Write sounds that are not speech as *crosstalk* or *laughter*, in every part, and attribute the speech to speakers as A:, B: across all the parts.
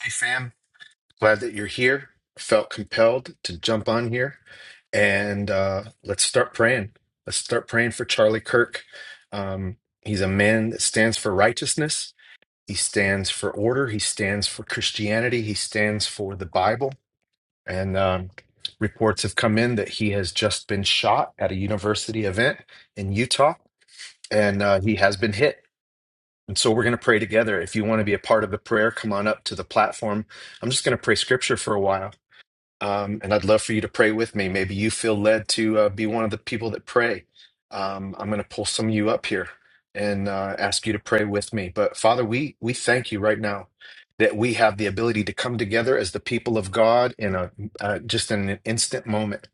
A: Hey, fam. Glad that you're here. Felt compelled to jump on here. And uh, let's start praying. Let's start praying for Charlie Kirk. Um, he's a man that stands for righteousness, he stands for order, he stands for Christianity, he stands for the Bible. And um, reports have come in that he has just been shot at a university event in Utah, and uh, he has been hit. And so we're going to pray together. If you want to be a part of the prayer, come on up to the platform. I'm just going to pray scripture for a while. Um, and I'd love for you to pray with me. Maybe you feel led to uh, be one of the people that pray. Um, I'm going to pull some of you up here and uh, ask you to pray with me. But Father, we we thank you right now that we have the ability to come together as the people of God in a uh, just in an instant moment.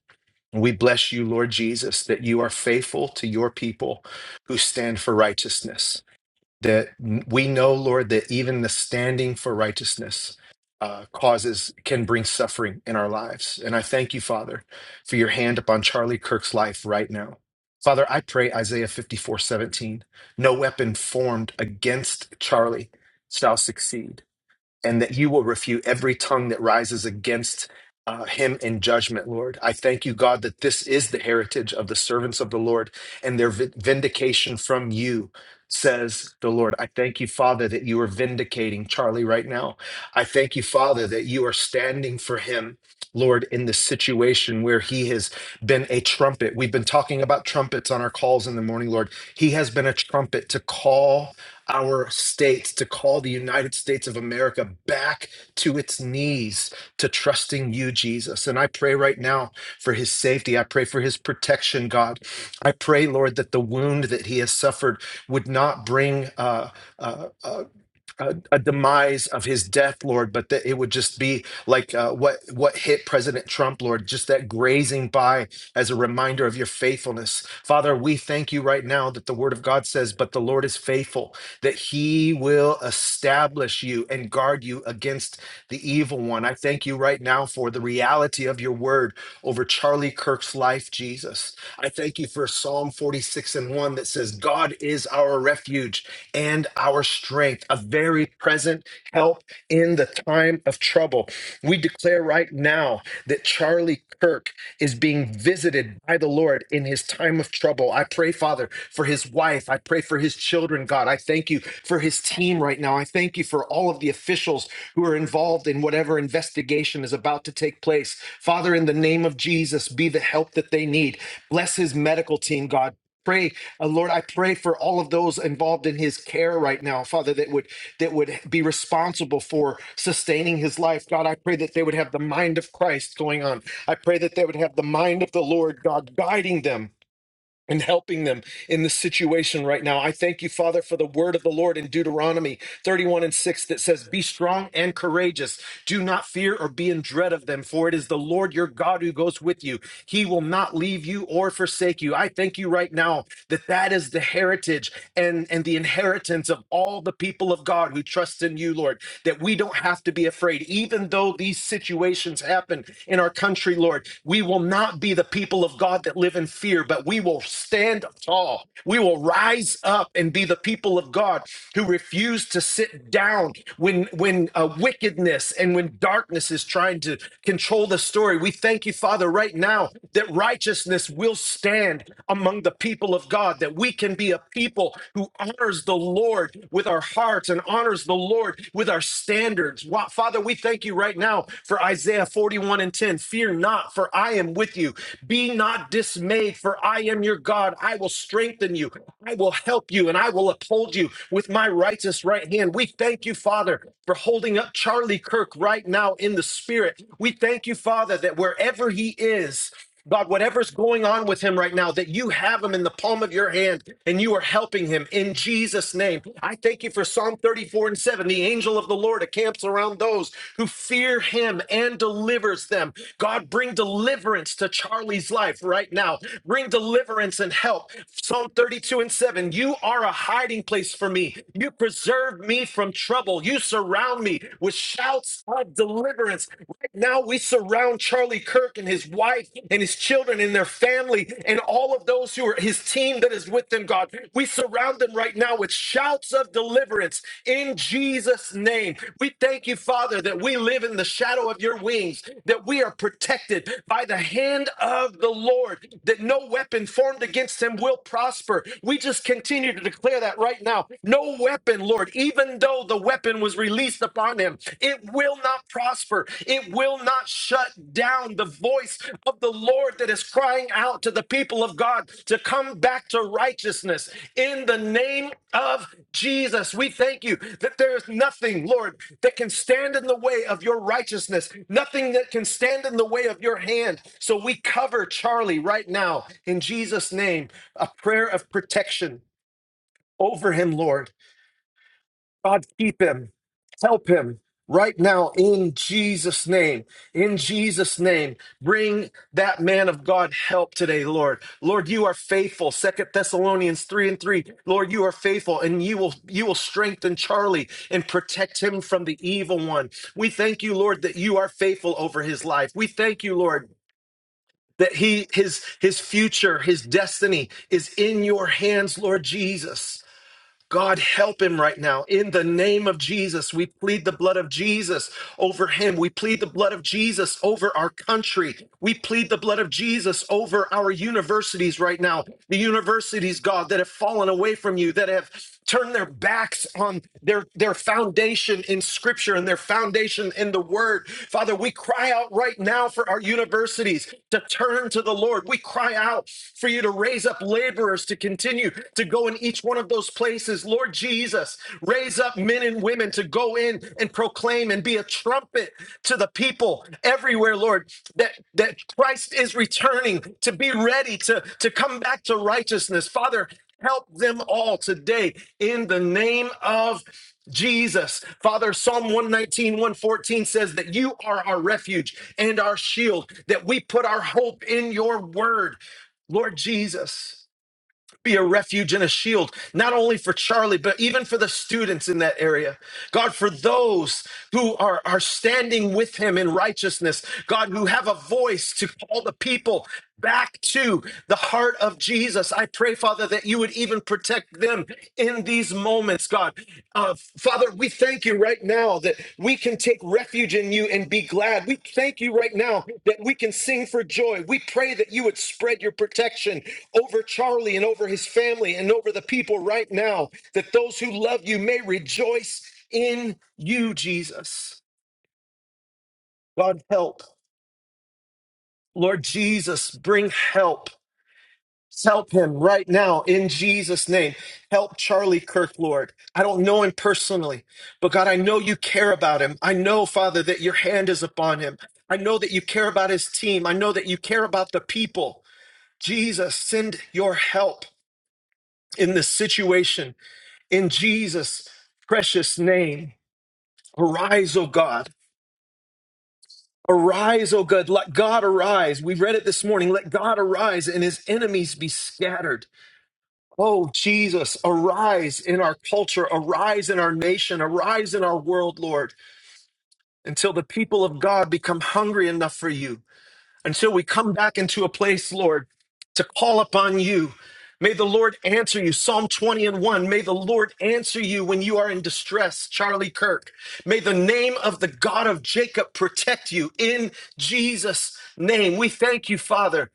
A: We bless you, Lord Jesus, that you are faithful to your people who stand for righteousness that we know, Lord, that even the standing for righteousness uh, causes can bring suffering in our lives. And I thank you, Father, for your hand upon Charlie Kirk's life right now. Father, I pray Isaiah 54 17: no weapon formed against Charlie shall succeed and that you will refute every tongue that rises against uh, him in judgment, Lord. I thank you, God, that this is the heritage of the servants of the Lord and their vi- vindication from you. Says the Lord. I thank you, Father, that you are vindicating Charlie right now. I thank you, Father, that you are standing for him, Lord, in this situation where he has been a trumpet. We've been talking about trumpets on our calls in the morning, Lord. He has been a trumpet to call our states, to call the United States of America back to its knees to trusting you, Jesus. And I pray right now for his safety. I pray for his protection, God. I pray, Lord, that the wound that he has suffered would not bring uh, uh, uh, a, a demise of his death, Lord, but that it would just be like uh, what what hit President Trump, Lord, just that grazing by as a reminder of your faithfulness. Father, we thank you right now that the Word of God says, "But the Lord is faithful; that He will establish you and guard you against the evil one." I thank you right now for the reality of your Word over Charlie Kirk's life, Jesus. I thank you for Psalm forty-six and one that says, "God is our refuge." and our strength, a very present help in the time of trouble. We declare right now that Charlie Kirk is being visited by the Lord in his time of trouble. I pray, Father, for his wife. I pray for his children, God. I thank you for his team right now. I thank you for all of the officials who are involved in whatever investigation is about to take place. Father, in the name of Jesus, be the help that they need. Bless his medical team, God. Pray uh, Lord, I pray for all of those involved in his care right now, Father, that would that would be responsible for sustaining his life. God, I pray that they would have the mind of Christ going on. I pray that they would have the mind of the Lord, God, guiding them and helping them in this situation right now. I thank you, Father, for the word of the Lord in Deuteronomy 31 and 6 that says, Be strong and courageous. Do not fear or be in dread of them, for it is the Lord your God who goes with you. He will not leave you or forsake you. I thank you right now that that is the heritage and, and the inheritance of all the people of God who trust in you, Lord, that we don't have to be afraid. Even though these situations happen in our country, Lord, we will not be the people of God that live in fear, but we will stand tall. We will rise up and be the people of God who refuse to sit down when when when uh, wickedness and when darkness is trying to control the story. We thank you, Father, right now that righteousness will stand among the people of God, that we can be a people who honors the Lord with our hearts and honors the Lord with our standards. Wa- Father, we thank you right now for Isaiah 41 and 10. Fear not, for I am with you. Be not dismayed, for I am your God. I will strengthen you, I will help you, and I will uphold you with my righteous right hand. We thank thank you, Father, for holding up Charlie Kirk right now in the spirit. We thank you, Father, that wherever he is, God, whatever's going on with him right now, that you have him in the palm of your hand and you are helping him in Jesus' name. I thank you for Psalm 34 and 7. The angel of the Lord encamps around those who fear him and delivers them. God, bring deliverance to Charlie's life right now. Bring deliverance and help. Psalm 32 and 7. You are a hiding place for me. You preserve me from trouble. You surround me with shouts of deliverance. Right now, we surround Charlie Kirk and his wife and his children and their family and all of those who are his team that is with them, God. We surround them right now with shouts of deliverance in Jesus' name. We thank you, Father, that we live in the shadow of your wings, that we are protected by the hand of the Lord, that no weapon formed against him will prosper. We just continue to declare that right now. No weapon, Lord, even though the weapon was released upon him, it will not prosper. It will not shut down the voice of the Lord that is crying out to the people of God to come back to righteousness in the name of Jesus. We thank you that there is nothing, Lord, that can stand in the way of your righteousness, nothing that can stand in the way of your hand. So we cover Charlie right now in Jesus' name, a prayer of protection over him, Lord. God, keep him. Help him right now in Jesus' name. In Jesus' name, bring that man of God help today, Lord. Lord, you are faithful. Second Thessalonians 3 and 3. Lord, you are faithful and you will you will strengthen Charlie and protect him from the evil one. We thank you, Lord, that you are faithful over his life. We thank you, Lord, that he his his future, his destiny is in your hands, Lord Jesus. God, help him right now. In the name of Jesus, we plead the blood of Jesus over him. We plead the blood of Jesus over our country. We plead the blood of Jesus over our universities right now. The universities, God, that have fallen away from you, that have turned their backs on their, their foundation in scripture and their foundation in the word. Father, we cry out right now for our universities to turn to the Lord. We cry out for you to raise up laborers to continue to to go in each one of those places. Lord Jesus, raise up men and women to go in and proclaim and be a trumpet to the people everywhere, Lord, that, that Christ is returning to be ready to, to come back to righteousness. Father, help them all today in the name of Jesus. Father, Psalm one nineteen one fourteen says that you are our refuge and our shield, that we put our hope in your word. Lord Jesus be a refuge and a shield, not only for Charlie, but even for the students in that area. God, for those who are, are standing with him in righteousness, God, who have a voice to call the people back to the heart of Jesus. I pray, Father, that you would even protect them in these moments, God. Uh, Father, we thank you right now that we can take refuge in you and be glad. We thank you right now that we can sing for joy. We pray that you would spread your protection over Charlie and over his family and over the people right now, that those who love you may rejoice in you, Jesus. God, help. Lord Jesus, bring help. Help him right now in Jesus' name. Help Charlie Kirk, Lord. I don't know him personally, but God, I know you care about him. I know, Father, that your hand is upon him. I know that you care about his team. I know that you care about the people. Jesus, send your help in this situation. In Jesus' precious name, arise, O God. Arise, O God. Let God arise. We read it this morning. Let God arise and his enemies be scattered. Oh, Jesus, arise in our culture, arise in our nation, arise in our world, Lord, until the people of God become hungry enough for you, until we come back into a place, Lord, to call upon you May the Lord answer you. Psalm 20 and 1. May the Lord answer you when you are in distress. Charlie Kirk. May the name of the God of Jacob protect you in Jesus' name. We thank you, Father,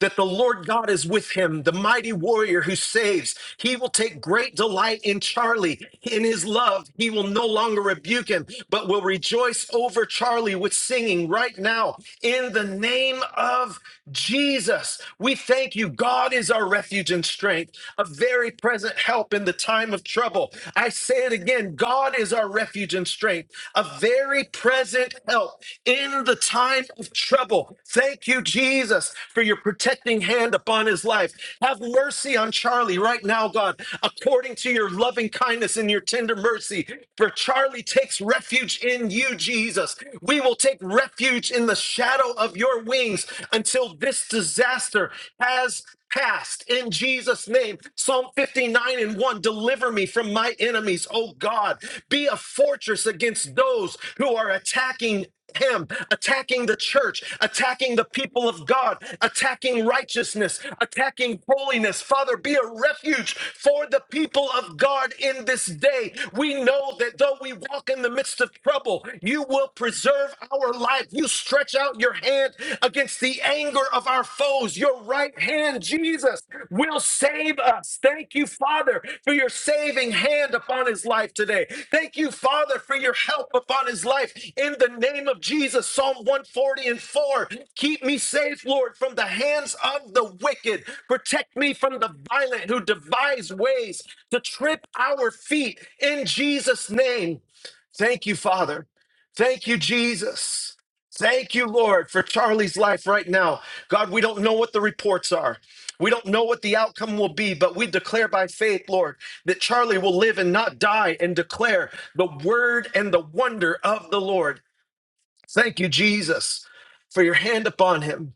A: that the Lord God is with him, the mighty warrior who saves. He will take great delight in Charlie. In his love, he will no longer rebuke him, but will rejoice over Charlie with singing right now in the name of Jesus us. We thank you. God is our refuge and strength, a very present help in the time of trouble. I say it again God is our refuge and strength, a very present help in the time of trouble. Thank you, Jesus, for your protecting hand upon his life. Have mercy on Charlie right now, God, according to your loving kindness and your tender mercy. For Charlie takes refuge in you, Jesus. We will take refuge in the shadow of your wings until this disaster has passed in Jesus' name. Psalm 59 and 1 Deliver me from my enemies, O God. Be a fortress against those who are attacking. Him attacking the church, attacking the people of God, attacking righteousness, attacking holiness. Father, be a refuge for the people of God in this day. We know that though we walk in the midst of trouble, you will present preserve our life. You stretch out your hand against the anger of our foes. Your right hand, Jesus, will save us. Thank you, Father, for your saving hand upon his life today. Thank you, Father, for your help upon his life in the name of Jesus. Psalm 140 and 4. Keep me safe, Lord, from the hands of the wicked. Protect me from the violent who devise ways to trip our feet in Jesus' name. Thank you, Father. Thank you, Jesus. Thank you, Lord, for Charlie's life right now. God, we don't know what the reports are. We don't know what the outcome will be, but we declare by faith, Lord, that Charlie will live and not die and declare the word and the wonder of the Lord. Thank you, Jesus, for your hand upon him.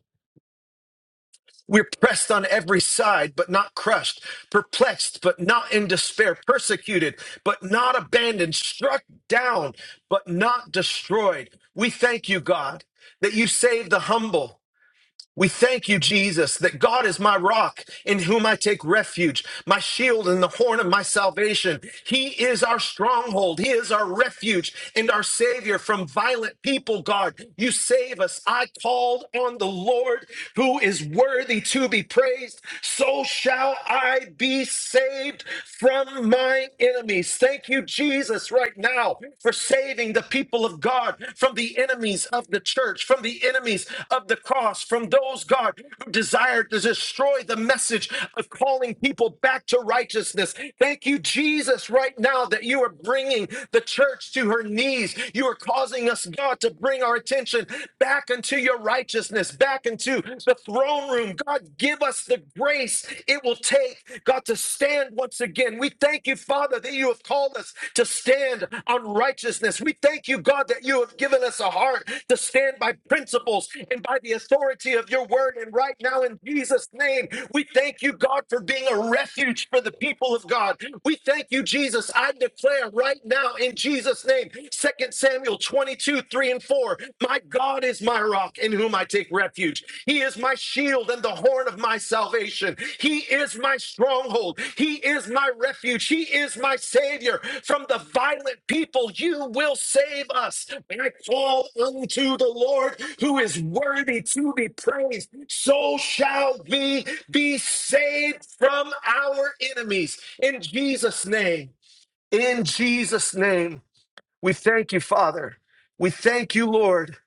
A: We're pressed on every side, but not crushed, perplexed, but not in despair, persecuted, but not abandoned, struck down, but not destroyed. We thank you, God, that you save the humble. We thank you, Jesus, that God is my rock in whom I take refuge, my shield and the horn of my salvation. He is our stronghold. He is our refuge and our savior from violent people, God. You save us. I called on the Lord who is worthy to be praised. So shall I be saved from my enemies. Thank you, Jesus, right now for for saving the people of God from the enemies of the church, from the enemies of the cross, from those, God, who desired to destroy the message of calling people back to righteousness. Thank you, Jesus, right now that you are bringing the church to her knees. You are causing us, God, to bring our attention back into your righteousness, back into the throne room. God, give us the grace. It will will take, God, to stand once again. We thank you, Father, that you have called us to stand on righteousness. We thank you, God, that you have given us a heart to stand by principles and by the authority of your word. And right now, in Jesus' name, we thank you, God, for being a refuge for the people of God. We thank you, Jesus. I declare right now, in Jesus' name, Second Samuel 22, 3 and 4. My God. God is my rock in whom I take refuge. He is my shield and the horn of my salvation. He is my stronghold. He is my refuge. He is my savior. From the violent people, you will save us. And I call unto the Lord who is worthy to be praised. So shall we be saved from our enemies. In Jesus' name. In Jesus' name. We thank you, Father. We thank you, Lord.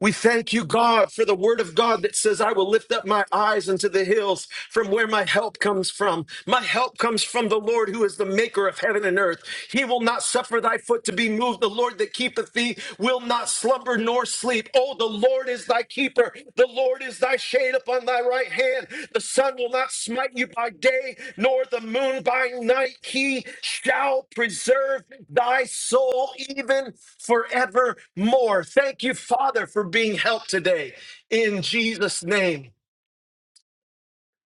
A: We thank you, God, for the word of God that says, I will lift up my eyes unto the hills from where my help comes from. My help comes from the Lord who is the maker of heaven and earth. He will not suffer thy foot to be moved. The Lord that keepeth thee will not slumber nor sleep. Oh, the Lord is thy keeper fear. The Lord is thy shade upon thy right hand. The sun will not smite you by day, nor the moon by night. He shall preserve thy soul even forevermore. Thank you, Father, for being helped today. In Jesus' name.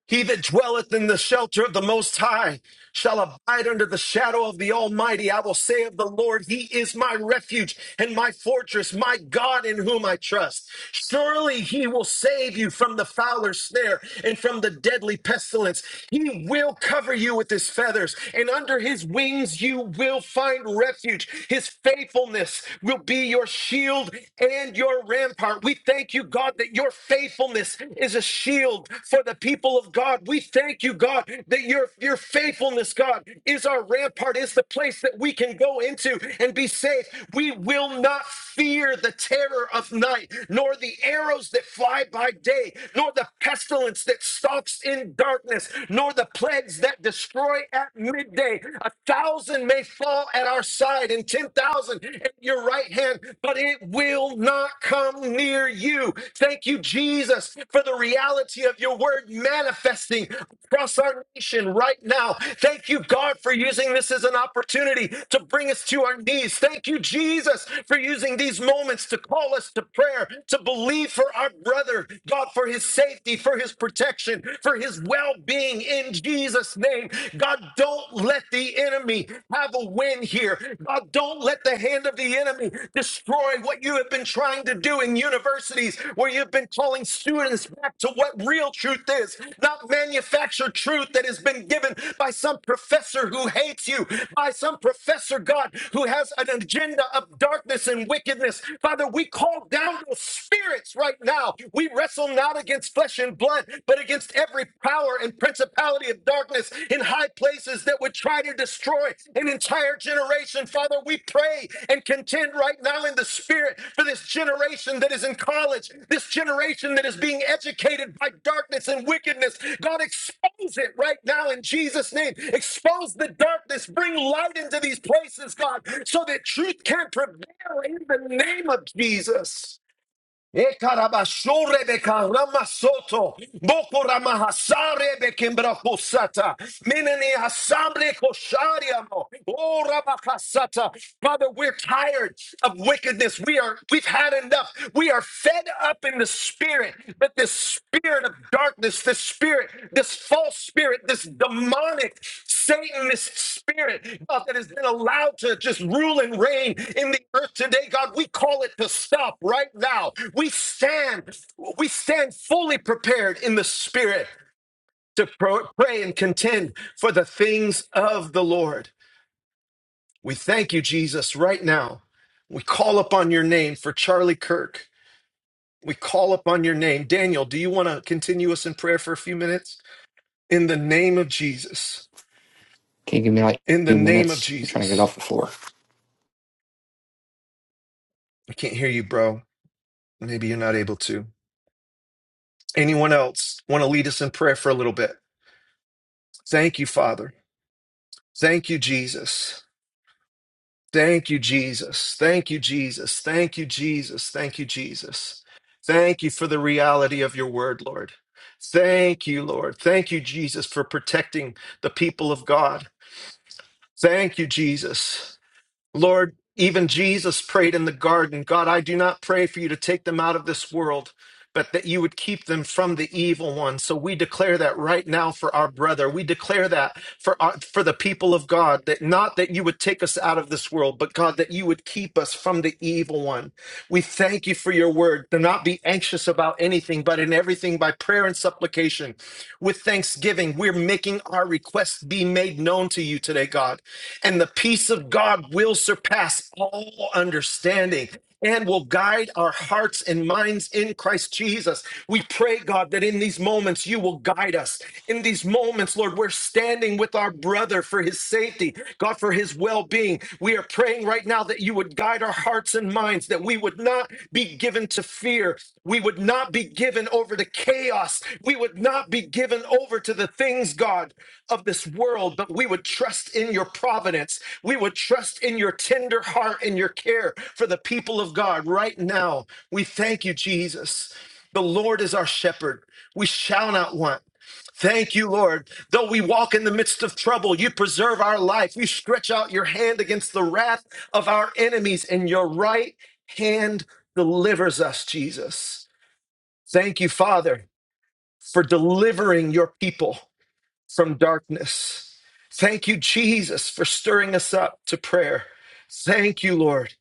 A: He that dwelleth in the shelter of the Most High shall abide under the shadow of the Almighty. I will say of the Lord, He is my refuge and my fortress, my God in whom I trust. Surely He will save you from the fowler's snare and from the deadly pestilence. He will cover you with His feathers, and under His wings you will find refuge. His faithfulness will be your shield and your rampart. We thank thank you, God, that your faithfulness is a shield for the people of God. We thank you, God, that your, your faithfulness, God, is our rampart, is the place that we can go into and be safe. We will not fear the terror of night, nor the arrows that fly by day, nor the pestilence that stalks in darkness, nor the plagues that destroy at midday. A thousand may fall at our side, and ten thousand thousand at your right hand, but it will not come near you. Thank you, Jesus, for the reality of your word manifesting across our nation right now. Thank you, God, for using this as an opportunity to bring us to our knees. Thank you, Jesus, for using these moments to call us to prayer, to believe for our brother, God, for his safety, for his protection, for his well being in Jesus' name. God, Don't. Don't let the enemy have a win here. God, don't let the hand of the enemy destroy what you have been trying to do in universities where you've been calling students back to what real truth is, not manufactured truth that has been given by some professor who hates you, by some professor, God, who has an agenda of darkness and wickedness. Father, we call down those spirits right now. We wrestle not against flesh and blood, but against every power and principality of darkness in high places that would try to destroy an entire generation. Father, we pray and contend right now in the spirit for this generation that is in college, this generation that is being educated by darkness and wickedness. God, expose it right now in Jesus' name. Expose the darkness. Bring light into these places, God, so that truth can prevail in the name of Jesus. Ekarabashure bekarama soto. Boko ramahasare bekembra kosata. Menene asamble koshariamo. Oh rabakasata. Father, we're tired of wickedness. We are we've had enough. We are fed up in the spirit. that this spirit of darkness, this spirit, this false spirit, this demonic Satanist spirit, God, that has been allowed to just rule and reign in the earth today, God, we call it to stop right now. We stand, we stand fully prepared in the spirit to pro- pray and contend for the things of the Lord. We thank you, Jesus, right now. We call upon your name for Charlie Kirk. We call upon your name. Daniel, do you want to continue us in prayer for a few minutes? In the name of Jesus.
B: Can you give me like
A: In the
B: two
A: name of
B: minutes? I'm trying to get off
A: Jesus.
B: the floor.
A: I can't hear you, bro. Maybe you're not able to. Anyone else want to lead us in prayer for a little bit? Thank you, Father. Thank you, Jesus. Thank you, Jesus. Thank you, Jesus. Thank you, Jesus. Thank you, Jesus. Thank you for the reality of your word, Lord. Thank you, Lord. Thank you, Jesus, for protecting the people of God. Thank you, Jesus. Lord, even Jesus prayed in the garden God, I do not pray for you to take them out of this world, but that you would keep them from the evil one. So we declare that right now for our brother. We declare that for, our, for the people of God, that not that you would take us out of this world, but God, that you would keep us from the evil one. We thank you for your word. Do not be anxious about anything, but in everything by prayer and supplication with thanksgiving. We're making our requests be made known to you today, God. And the peace of God will surpass all understanding and will guide our hearts and minds in Christ Jesus. We pray, God, that in these moments you will guide us. In these these moments, Lord, we're standing with our brother for his safety, God, for his well being. We are praying right now that you would guide our hearts and minds, that we would not be given to fear. We would not be given over to chaos. We would not be given over to the things, God, of this world, but we would trust in your providence. We would trust in your tender heart and your care for the people of God right now. We thank you, Jesus. The Lord is our shepherd. We shall not want. Thank you, Lord. Though we walk in the midst of trouble, you preserve our life. You stretch out your hand against the wrath of our enemies, and your right hand delivers us, Jesus. Thank you, Father, for delivering your people from darkness. Thank you, Jesus, for stirring us up to prayer. Thank you, Lord.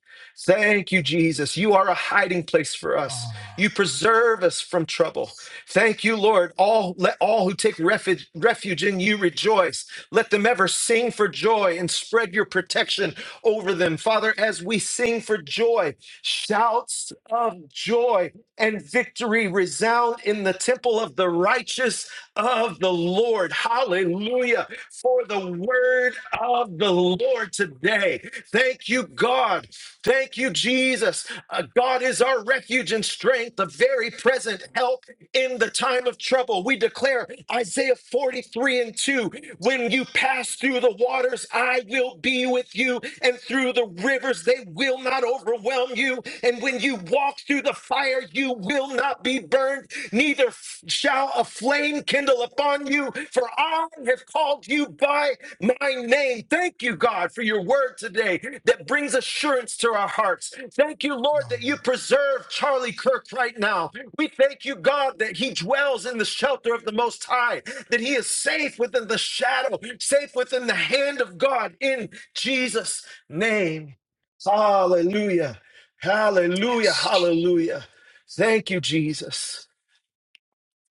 A: Thank you, Jesus. You are a hiding place for us. You preserve us from trouble. Thank you, Lord. All let all who take refuge, refuge in you rejoice. Let them ever sing for joy and spread your protection over them. Father, as we sing for joy, shouts of joy and victory resound in the temple of the righteous of the Lord. Hallelujah. For the word of the Lord today. Thank you, God. Thank you, Jesus. Uh, God is our refuge and strength, a very present help in the time of trouble. We declare Isaiah 43 and 2 when you pass through the waters, I will be with you, and through the rivers, they will not overwhelm you. And when you walk through the fire, you will not be burned, neither f- shall a flame kindle upon you, for I have called you by my name. Thank you, God, for your word today that brings assurance to our hearts. Thank you, Lord, that you preserve Charlie Kirk right now. We thank you, God, that he dwells in the shelter of the Most High that he is safe within the shadow, safe within the hand of God in Jesus' name. Hallelujah. Hallelujah.
B: Yes.
A: Hallelujah. Thank you, Jesus.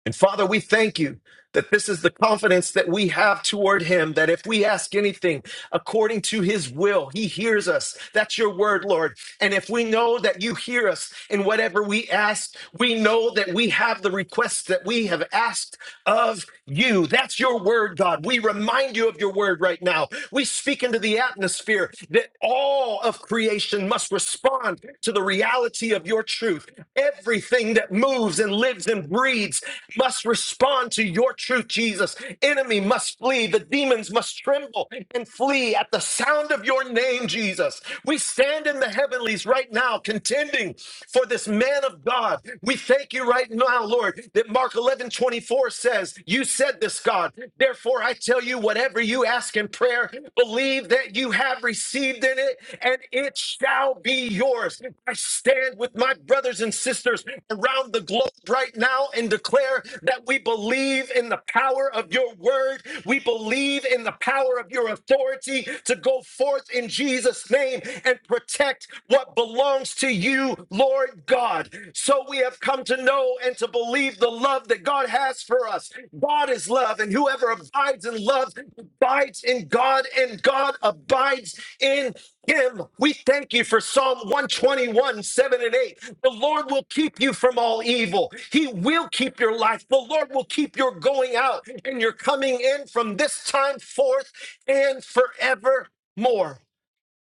A: And Father, we thank you that this is the confidence that we have toward him, that if we ask anything according to his will, he hears us. That's your word, Lord. And if we know that you hear us in whatever we ask, we know that we have the requests that we have asked of you. That's your word, God. We remind you of your word right now. We speak into the atmosphere that all of creation must respond to the reality of your truth. Everything that moves and lives and breathes must respond to your truth, Jesus. Enemy must flee. The demons must tremble and flee at the sound of your name, Jesus. We stand in the heavenlies right now, contending for this man of God. God. We thank you right now, Lord, that Mark 11 24 says, You said this, God. Therefore, I tell you, whatever you ask in prayer, believe that you have received in it, and it shall be yours. I stand with my brothers and sisters around the globe right now and declare that we believe in the power of your word. We believe in the power of your authority to go forth in Jesus' name and and protect what belongs to you, Lord God. So we have come to know and to believe the love that God has for us. God is love, and whoever abides in love abides in God, and God abides in him. We thank you for Psalm 121, 7 and 8. The Lord will keep you from all evil. He will keep your life. The Lord will keep your going out and your coming in from this time forth and forevermore.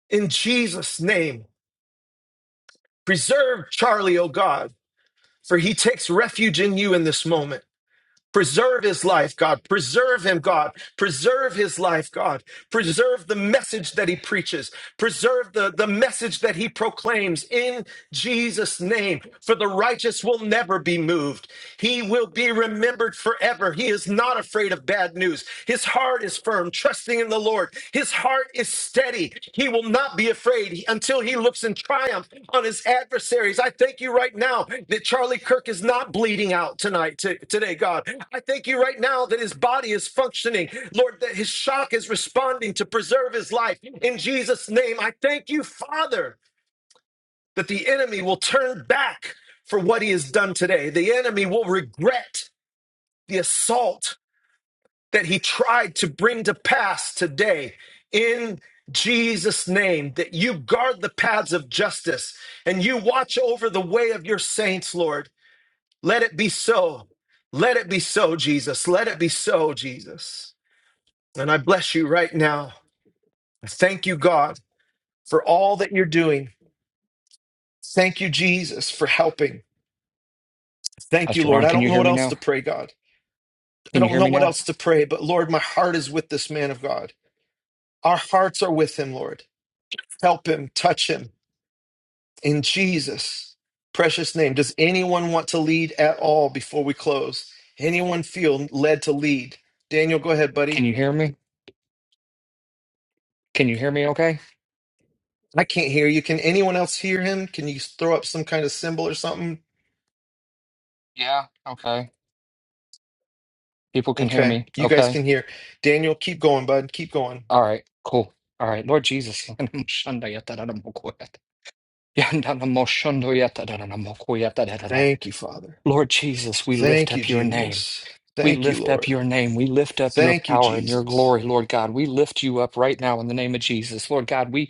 A: In Jesus' name, preserve Charlie, oh God, for he takes refuge in you in this moment. Preserve his life, God. Preserve him, God. Preserve his life, God. Preserve the message that he preaches. Preserve the, the message that he proclaims in Jesus' name. For the righteous will never be moved. He will be remembered forever. He is not afraid of bad news. His heart is firm, trusting in the Lord. His heart is steady. He will not be afraid until he looks in triumph on his adversaries. I thank you right now that Charlie Kirk is not bleeding out tonight, to, today, God. I thank you right now that his body is functioning, Lord, that his shock is responding to preserve his life. In Jesus' name, I thank you, Father, that the enemy will turn back for what he has done today. The enemy will regret the assault that he tried to bring to pass today in Jesus' name, that you guard the paths of justice and you watch over the way of your saints, Lord. Let it be so. Let it be so, Jesus. Let it be so, Jesus. And I bless you right now. I Thank you, God, for all that you're doing. Thank you, Jesus, for helping. Thank you,
B: Pastor
A: Lord.
B: Ron,
A: I
B: can
A: don't
B: you
A: know
B: hear
A: what
B: me
A: else
B: now?
A: to pray, God. I
B: Can you
A: don't
B: hear
A: know
B: me
A: what
B: now?
A: else to pray, but Lord, my heart is with this man of God. Our hearts are with him, Lord. Help him, touch him in Jesus' precious name. Does anyone want to lead at all before we close? Anyone feel led to lead? Daniel, go ahead,
B: Can
A: buddy.
B: you hear me? Can you hear me okay?
A: I can't hear you. Can anyone else hear him? Can you throw up some kind of symbol or something?
B: Yeah, okay. People can hear
A: Okay,
B: me.
A: you guys
B: Okay.
A: can hear. Daniel, keep going, bud. Keep going.
B: All right, cool. All right, Lord Jesus. *laughs*
A: Thank you, Father.
B: Lord Jesus, we lift
A: Thank you,
B: up your name.
A: Jesus.
B: We
A: Thank you,
B: lift up
A: Lord.
B: your name. We lift up your
A: Thank you,
B: power and your
A: Jesus.
B: glory, Lord God. We lift you up right now in the name of Jesus. Lord God, we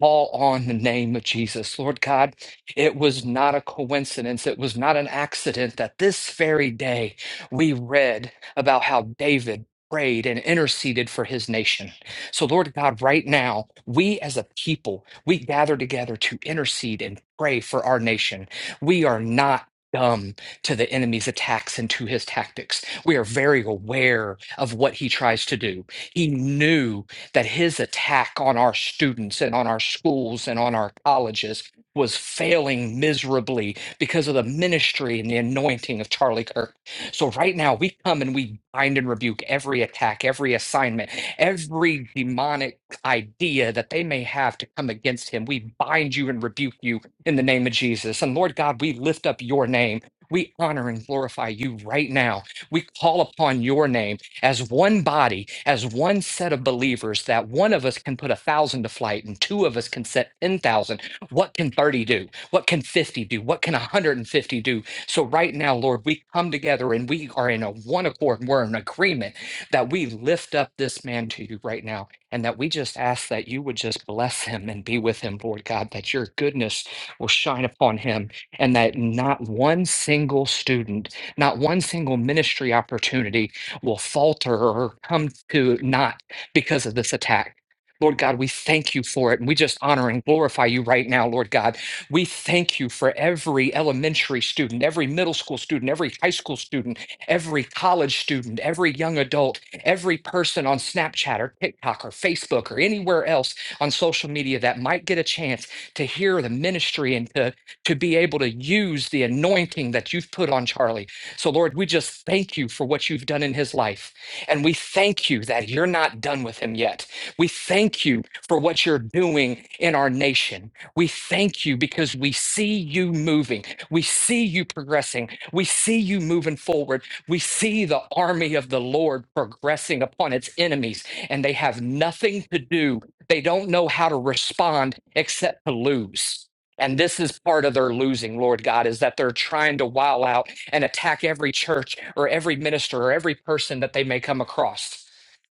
B: call on the name of Jesus. Lord God, it was not a coincidence. It was not an accident that this very day we read about how David prayed and interceded for his nation. So, Lord God, right now, we as a people, we gather together to intercede and pray for our nation. We are not. Dumb to the enemy's attacks and to his tactics. We are very aware of what he tries to do. He knew that his attack on our students and on our schools and on our colleges was failing miserably because of the ministry and the anointing of Charlie Kirk. So right now we come and we bind and rebuke every attack, every assignment, every demonic idea that they may have to come against him. We bind you and rebuke you in the name of Jesus. And Lord God, we lift up your name. We honor and glorify you right now. We call upon your name as one body, as one set of believers, that one of us can put a thousand to flight and two of us can set 10,000. What can 30 do? What can 50 do? What can 150 do? So, right now, Lord, we come together and we are in a one accord and we're in agreement that we lift up this man to you right now and that we just ask that you would just bless him and be with him, Lord God, that your goodness will shine upon him and that not one single student, not one single ministry opportunity will falter or come to naught because of this attack. Lord God, we thank you for it. And we just honor and glorify you right now, Lord God. We thank you for every elementary student, every middle school student, every high school student, every college student, every young adult, every person on Snapchat or TikTok or Facebook or anywhere else on social media that might get a chance to hear the ministry and to, to be able to use the anointing that you've put on Charlie. So, Lord, we just thank you for what you've done in his life. And we thank you that you're not done with him yet. We thank you for what you're doing in our nation. We thank you because we see you moving. We see you progressing. We see you moving forward. We see the army of the Lord progressing upon its enemies, and they have nothing to do. They don't know how to respond except to lose. And this is part of their losing, Lord God, is that they're trying to wow out and attack every church or every minister or every person that they may come across.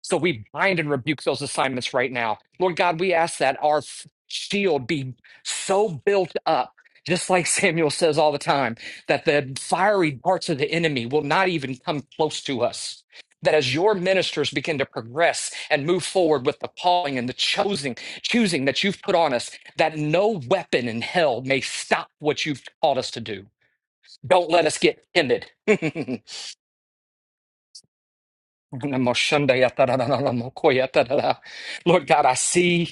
B: So we bind and rebuke those assignments right now. Lord God, we ask that our f- shield be so built up, just like *laughs* Samuel says all the time, that the fiery darts of the enemy will not even come close to us. That as your ministers begin to progress and move forward with the calling and the choosing, choosing that you've put on us, that no weapon in hell may stop what you've called us to do. Don't let us get offended. *laughs* Lord God, I see.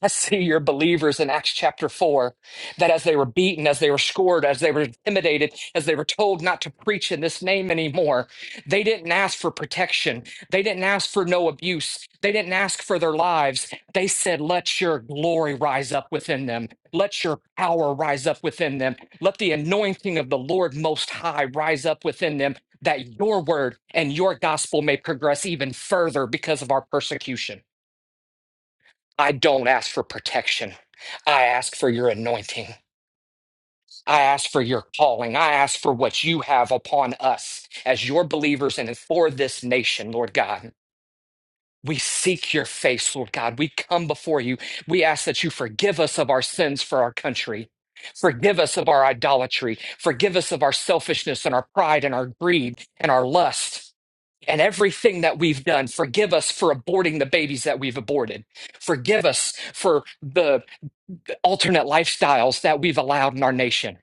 B: I see your believers in Acts chapter 4 that as they were beaten, as they were scored, as they were intimidated, as they were told not to preach in this name anymore, they didn't ask for protection. They didn't ask for no abuse. They didn't ask for their lives. They said, Let your glory rise up within them. Let your power rise up within them. Let the anointing of the Lord Most High rise up within them, that your word and your gospel may progress even further because of our persecution. I don't ask for protection. I ask for your anointing. I ask for your calling. I ask for what you have upon us as your believers and for this nation, Lord God. We seek your face, Lord God. We come before you. We ask that you forgive us of our sins for our country. Forgive us of our idolatry. Forgive us of our selfishness and our pride and our greed and our lust and everything that we've done. Forgive us for aborting the babies that we've aborted. Forgive us for the alternate lifestyles that we've allowed in our nation.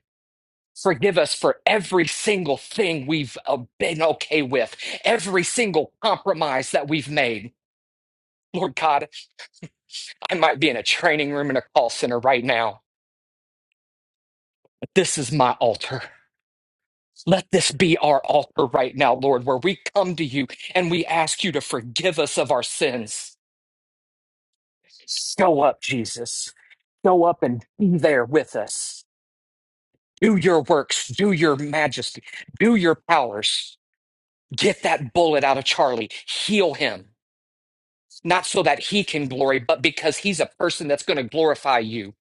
B: Forgive us for every single thing we've uh, been okay with, every single compromise that we've made. Lord God, I might be in a training room in a call center right now, but this is my altar. Let this be our altar right now, Lord, where we come to you and we ask you to forgive us of our sins. Show up, Jesus. Show up and be there with us. Do your works, do your majesty, do your powers. Get that bullet out of Charlie. Heal him. Not so that he can glory, but because he's a person that's going to glorify you.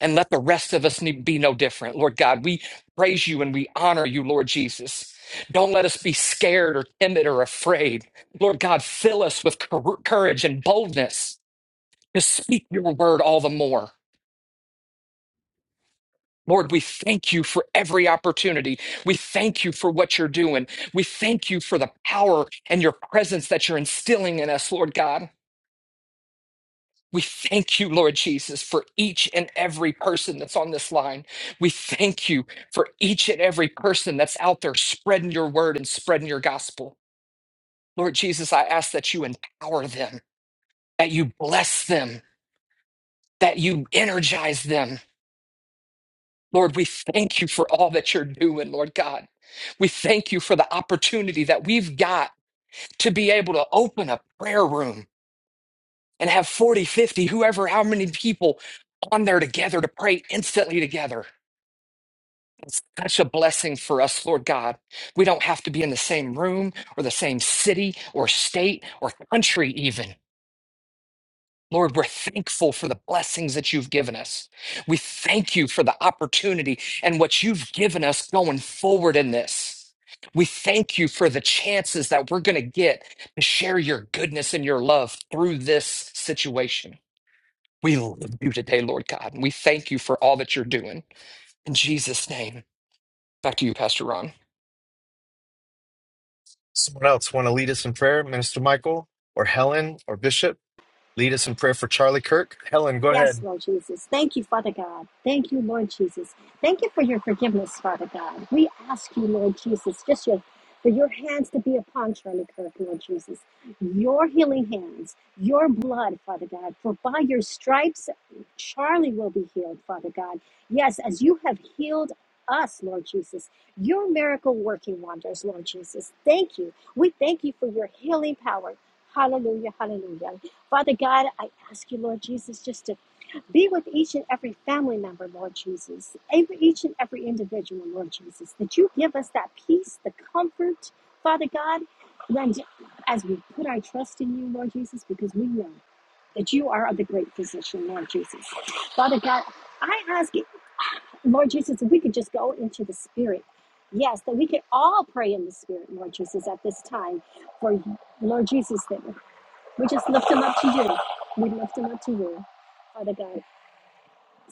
B: And let the rest of us ne- be no different. Lord God, we praise you and we honor you, Lord Jesus. Don't let us be scared or timid or afraid. Lord God, fill us with cour- courage and boldness to speak your word all the more. Lord, we thank you for every opportunity. We thank you for what you're doing. We thank you for the power and your presence that you're instilling in us, Lord God. We thank you, Lord Jesus, for each and every person that's on this line. We thank you for each and every person that's out there spreading your word and spreading your gospel. Lord Jesus, I ask that you empower them, that you bless them, that you energize them. Lord, we thank you for all that you're doing, Lord God. We thank you for the opportunity that we've got to be able to open a prayer room and have 40, 50, whoever, how many people on there together to pray instantly together. such a blessing for us, Lord God. We don't have to be in the same room or the same city or state or country, even. Lord, we're thankful for the blessings that you've given us. We thank you for the opportunity and what you've given us going forward in this. We thank you for the chances that we're going to get to share your goodness and your love through this situation. We love you today, Lord God, and we thank you for all that you're doing. In Jesus' name, back to you, Pastor Ron.
A: Someone else want to lead us in prayer? Minister Michael or Helen or Bishop? Lead us in prayer for Charlie Kirk. Helen, go ahead.
C: Yes, Lord Jesus. Thank you, Father God. Thank you, Lord Jesus. Thank you for your forgiveness, Father God. We ask you, Lord Jesus, just your, for your hands to be upon Charlie Kirk, Lord Jesus. Your healing hands, your blood, Father God. For by your stripes, Charlie will be healed, Father God. Yes, as you have healed us, Lord Jesus, your miracle working wonders, Lord Jesus. Thank you. We thank you for your healing power. Hallelujah, hallelujah. Father God, I ask you, Lord Jesus, just to be with each and every family member, Lord Jesus, and each and every individual, Lord Jesus, that you give us that peace, the comfort, Father God, when, as we put our trust in you, Lord Jesus, because we know that you are the great physician, Lord Jesus. Father God, I ask you, Lord Jesus, if we could just go into the Spirit. Yes, that we could all pray in the Spirit, Lord Jesus, at this time. For Lord Jesus, that we just lift them up to you. We lift them up to you, Father God.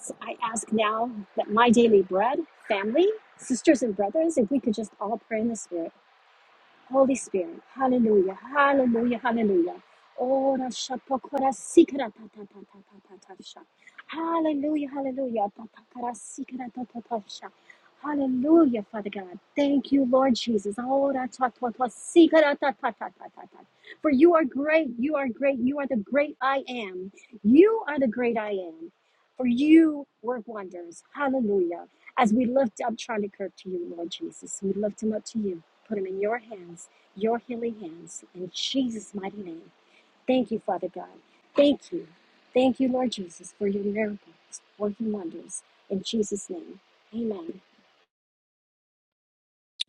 C: So I ask now that my daily bread, family, sisters and brothers, if we could just all pray in the spirit. Holy Spirit. Hallelujah. Hallelujah. Hallelujah. Ora shapokora sikra ta ta ta ta ta ta ta sha. Hallelujah. Hallelujah. Ta ta kara sikra ta ta ta sha. Hallelujah, Father God. Thank you, Lord Jesus. Ora ta ta ta sikra ta ta ta ta ta ta. For you are great. You are great. You are the great I am. You are the great I am. For you work wonders. Hallelujah. As we lift up Charlie Kirk to you, Lord Jesus, we lift him up to you. Put them in your hands, your healing hands, in Jesus' mighty name. Thank you, Father God. Thank you. Thank you, Lord Jesus, for your miracles, working wonders. In Jesus' name, amen.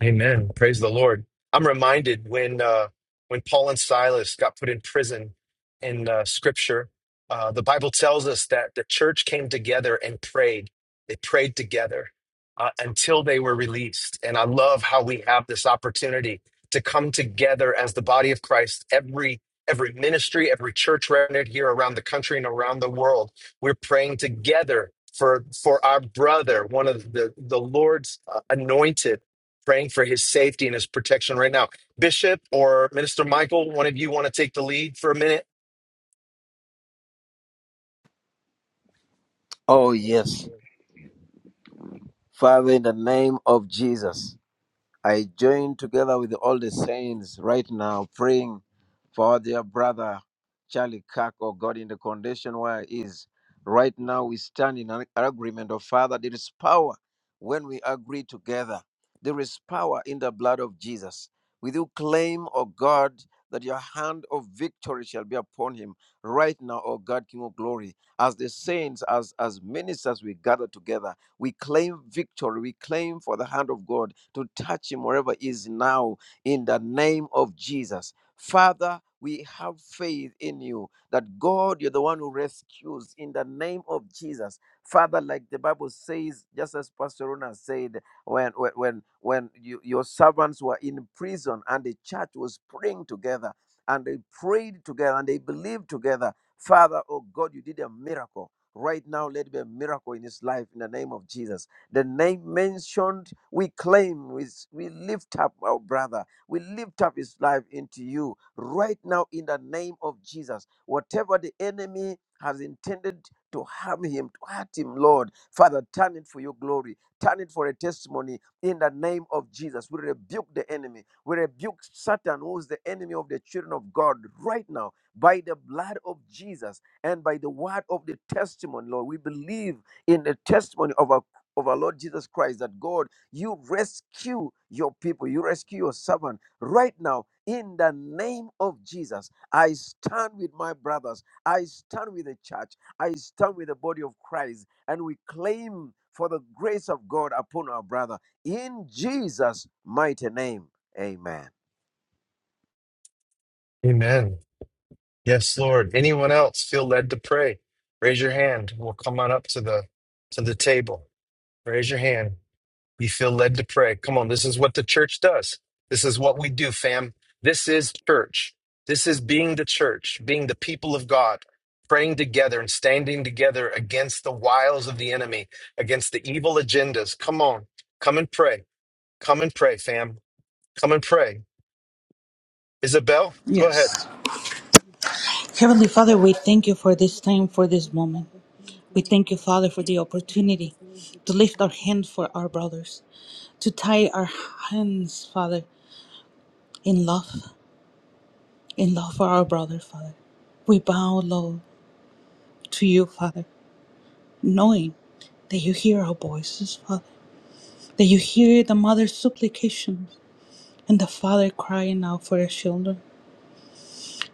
A: Amen. Praise the Lord. I'm reminded when uh, when Paul and Silas got put in prison in uh, Scripture, uh, the Bible tells us that the church came together and prayed. They prayed together uh, until they were released. And I love how we have this opportunity to come together as the body of Christ. Every every ministry, every church represented here around the country and around the world, we're praying together for for our brother, one of the the Lord's uh, anointed praying for his safety and his protection right now. Bishop or Minister Michael, one of you want to take the lead for a minute?
D: Oh, yes. Father, in the name of Jesus, I join together with all the saints right now praying for their brother Charlie Kirk, oh God, in the condition where he is. Right now, we stand in an agreement, oh Father, there is power when we agree together. There is power in the blood of Jesus. We do claim, oh God, that your hand of victory shall be upon him right now, oh God, King of glory. As the saints, as, as ministers, we gather together we claim victory. We claim for the hand of God to touch him wherever he is now in the name of Jesus. Father, we have faith in you that God, you're the one who rescues in the name of Jesus. Father, like the Bible says, just as Pastor Rona said, when when when, when you, your servants were in prison and the church was praying together and they prayed together and they believed together. Father, oh God, you did a miracle. Right now, let it be a miracle in his life in the name of Jesus. The name mentioned, we claim, we, we lift up our brother, we lift up his life into you right now in the name of Jesus. Whatever the enemy has intended to harm him, to hurt him, Lord, Father, turn it for your glory, turn it for a testimony in the name of Jesus. We rebuke the enemy, we rebuke Satan, who is the enemy of the children of God right now by the blood of Jesus and by the word of the testimony, Lord. We believe in the testimony of our of our Lord Jesus Christ that God, you rescue your people, you rescue your servant right now in the name of Jesus. I stand with my brothers, I stand with the church, I stand with the body of Christ, and we claim for the grace of God upon our brother in Jesus' mighty name. Amen.
A: Amen. Yes, Lord. Anyone else feel led to pray? Raise your hand. We'll come on up to the to the table. Raise your hand. You feel led to pray. Come on, this is what the church does. This is what we do, fam. This is church. This is being the church, being the people of God, praying together and standing together against the wiles of the enemy, against the evil agendas. Come on, come and pray. Come and pray, fam. Come and pray. Isabel, go ahead.
E: Yes. Heavenly Father, we thank you for this time, for this moment. We thank you, Father, for the opportunity to lift our hands for our brothers, to tie our hands, Father, in love, in love for our brother, Father. We bow low to you, Father, knowing that you hear our voices, Father, that you hear the mother's supplications and the father crying out for his children.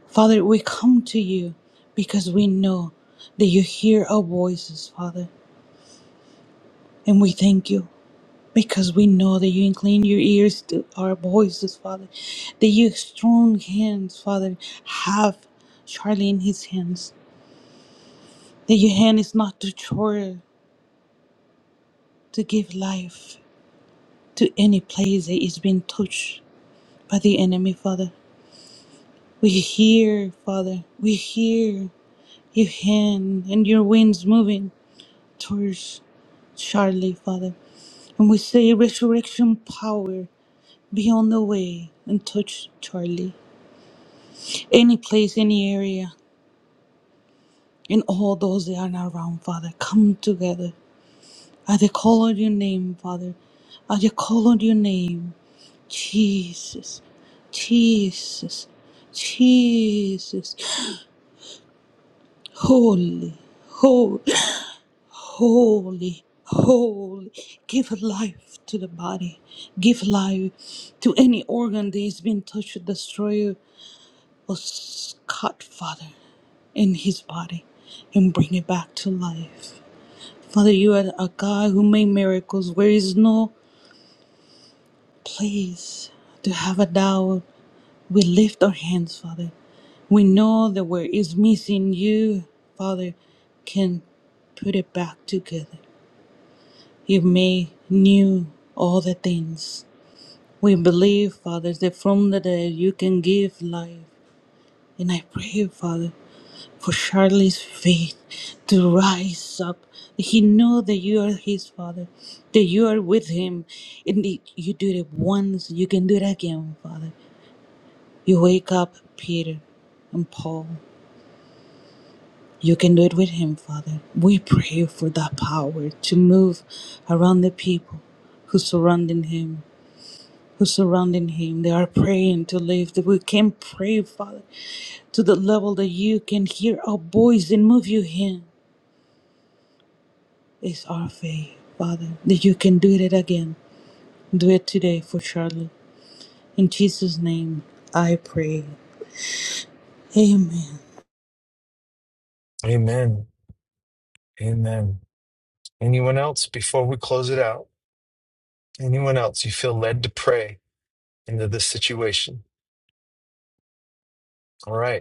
E: Father, we come to you because we know that you hear our voices, Father. And we thank you because we know that you incline your ears to our voices, Father. That your strong hands, Father, have Charlie in his hands. That your hand is not too short to give life to any place that is being touched by the enemy, Father. We hear, Father, we hear your hand and your winds moving towards Charlie, Father. And we say resurrection power be on the way and touch Charlie. any place, any area, and all those that are not around, Father, come together. As they call on your name, Father, as they call on your name, Jesus, Jesus, Jesus, holy, holy, holy, holy. Give life to the body, give life to any organ that is being touched, destroyed, or cut, Father, in his body, and bring it back to life. Father, you are a God who made miracles where is no place to have a doubt. We lift our hands, Father. We know that where is missing, you, Father, can put it back together. You made new all the things. We believe, Father, that from the dead you can give life. And I pray, Father. for Charlie's faith to rise up. He know that you are his father, that you are with him, and that you did it once, you can do it again, Father. You wake up Peter and Paul. You can do it with him, Father. We pray for that power to move around the people who surrounding him, who surrounding him. They are praying to live. That we can pray, Father, to the level that you can hear our voice and move your hand. Is our faith, Father, that you can do it again. Do it today for Charlotte. In Jesus' name, I pray. Amen.
A: Amen. Amen. Anyone else before we close it out? Anyone else you feel led to pray into this situation? All right.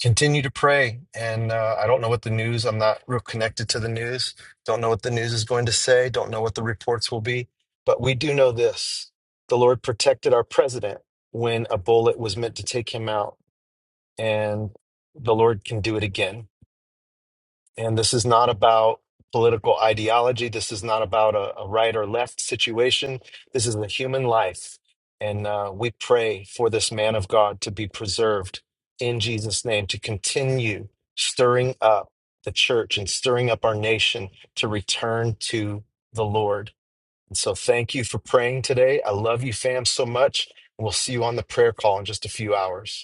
A: continue to pray. And uh, I don't know what the news, I'm not real connected to the news. Don't know what the news is going to say. Don't know what the reports will be. But we do know this the Lord protected our president when a bullet was meant to take him out. And the Lord can do it again. And this is not about political ideology. This is not about a, a right or left situation. This is a human life. And uh, we pray for this man of God to be preserved in Jesus' name, to continue stirring up the church and stirring up our nation to return to the Lord. And so thank you for praying today. I love you, fam, so much. We'll see you on the prayer call in just a few hours.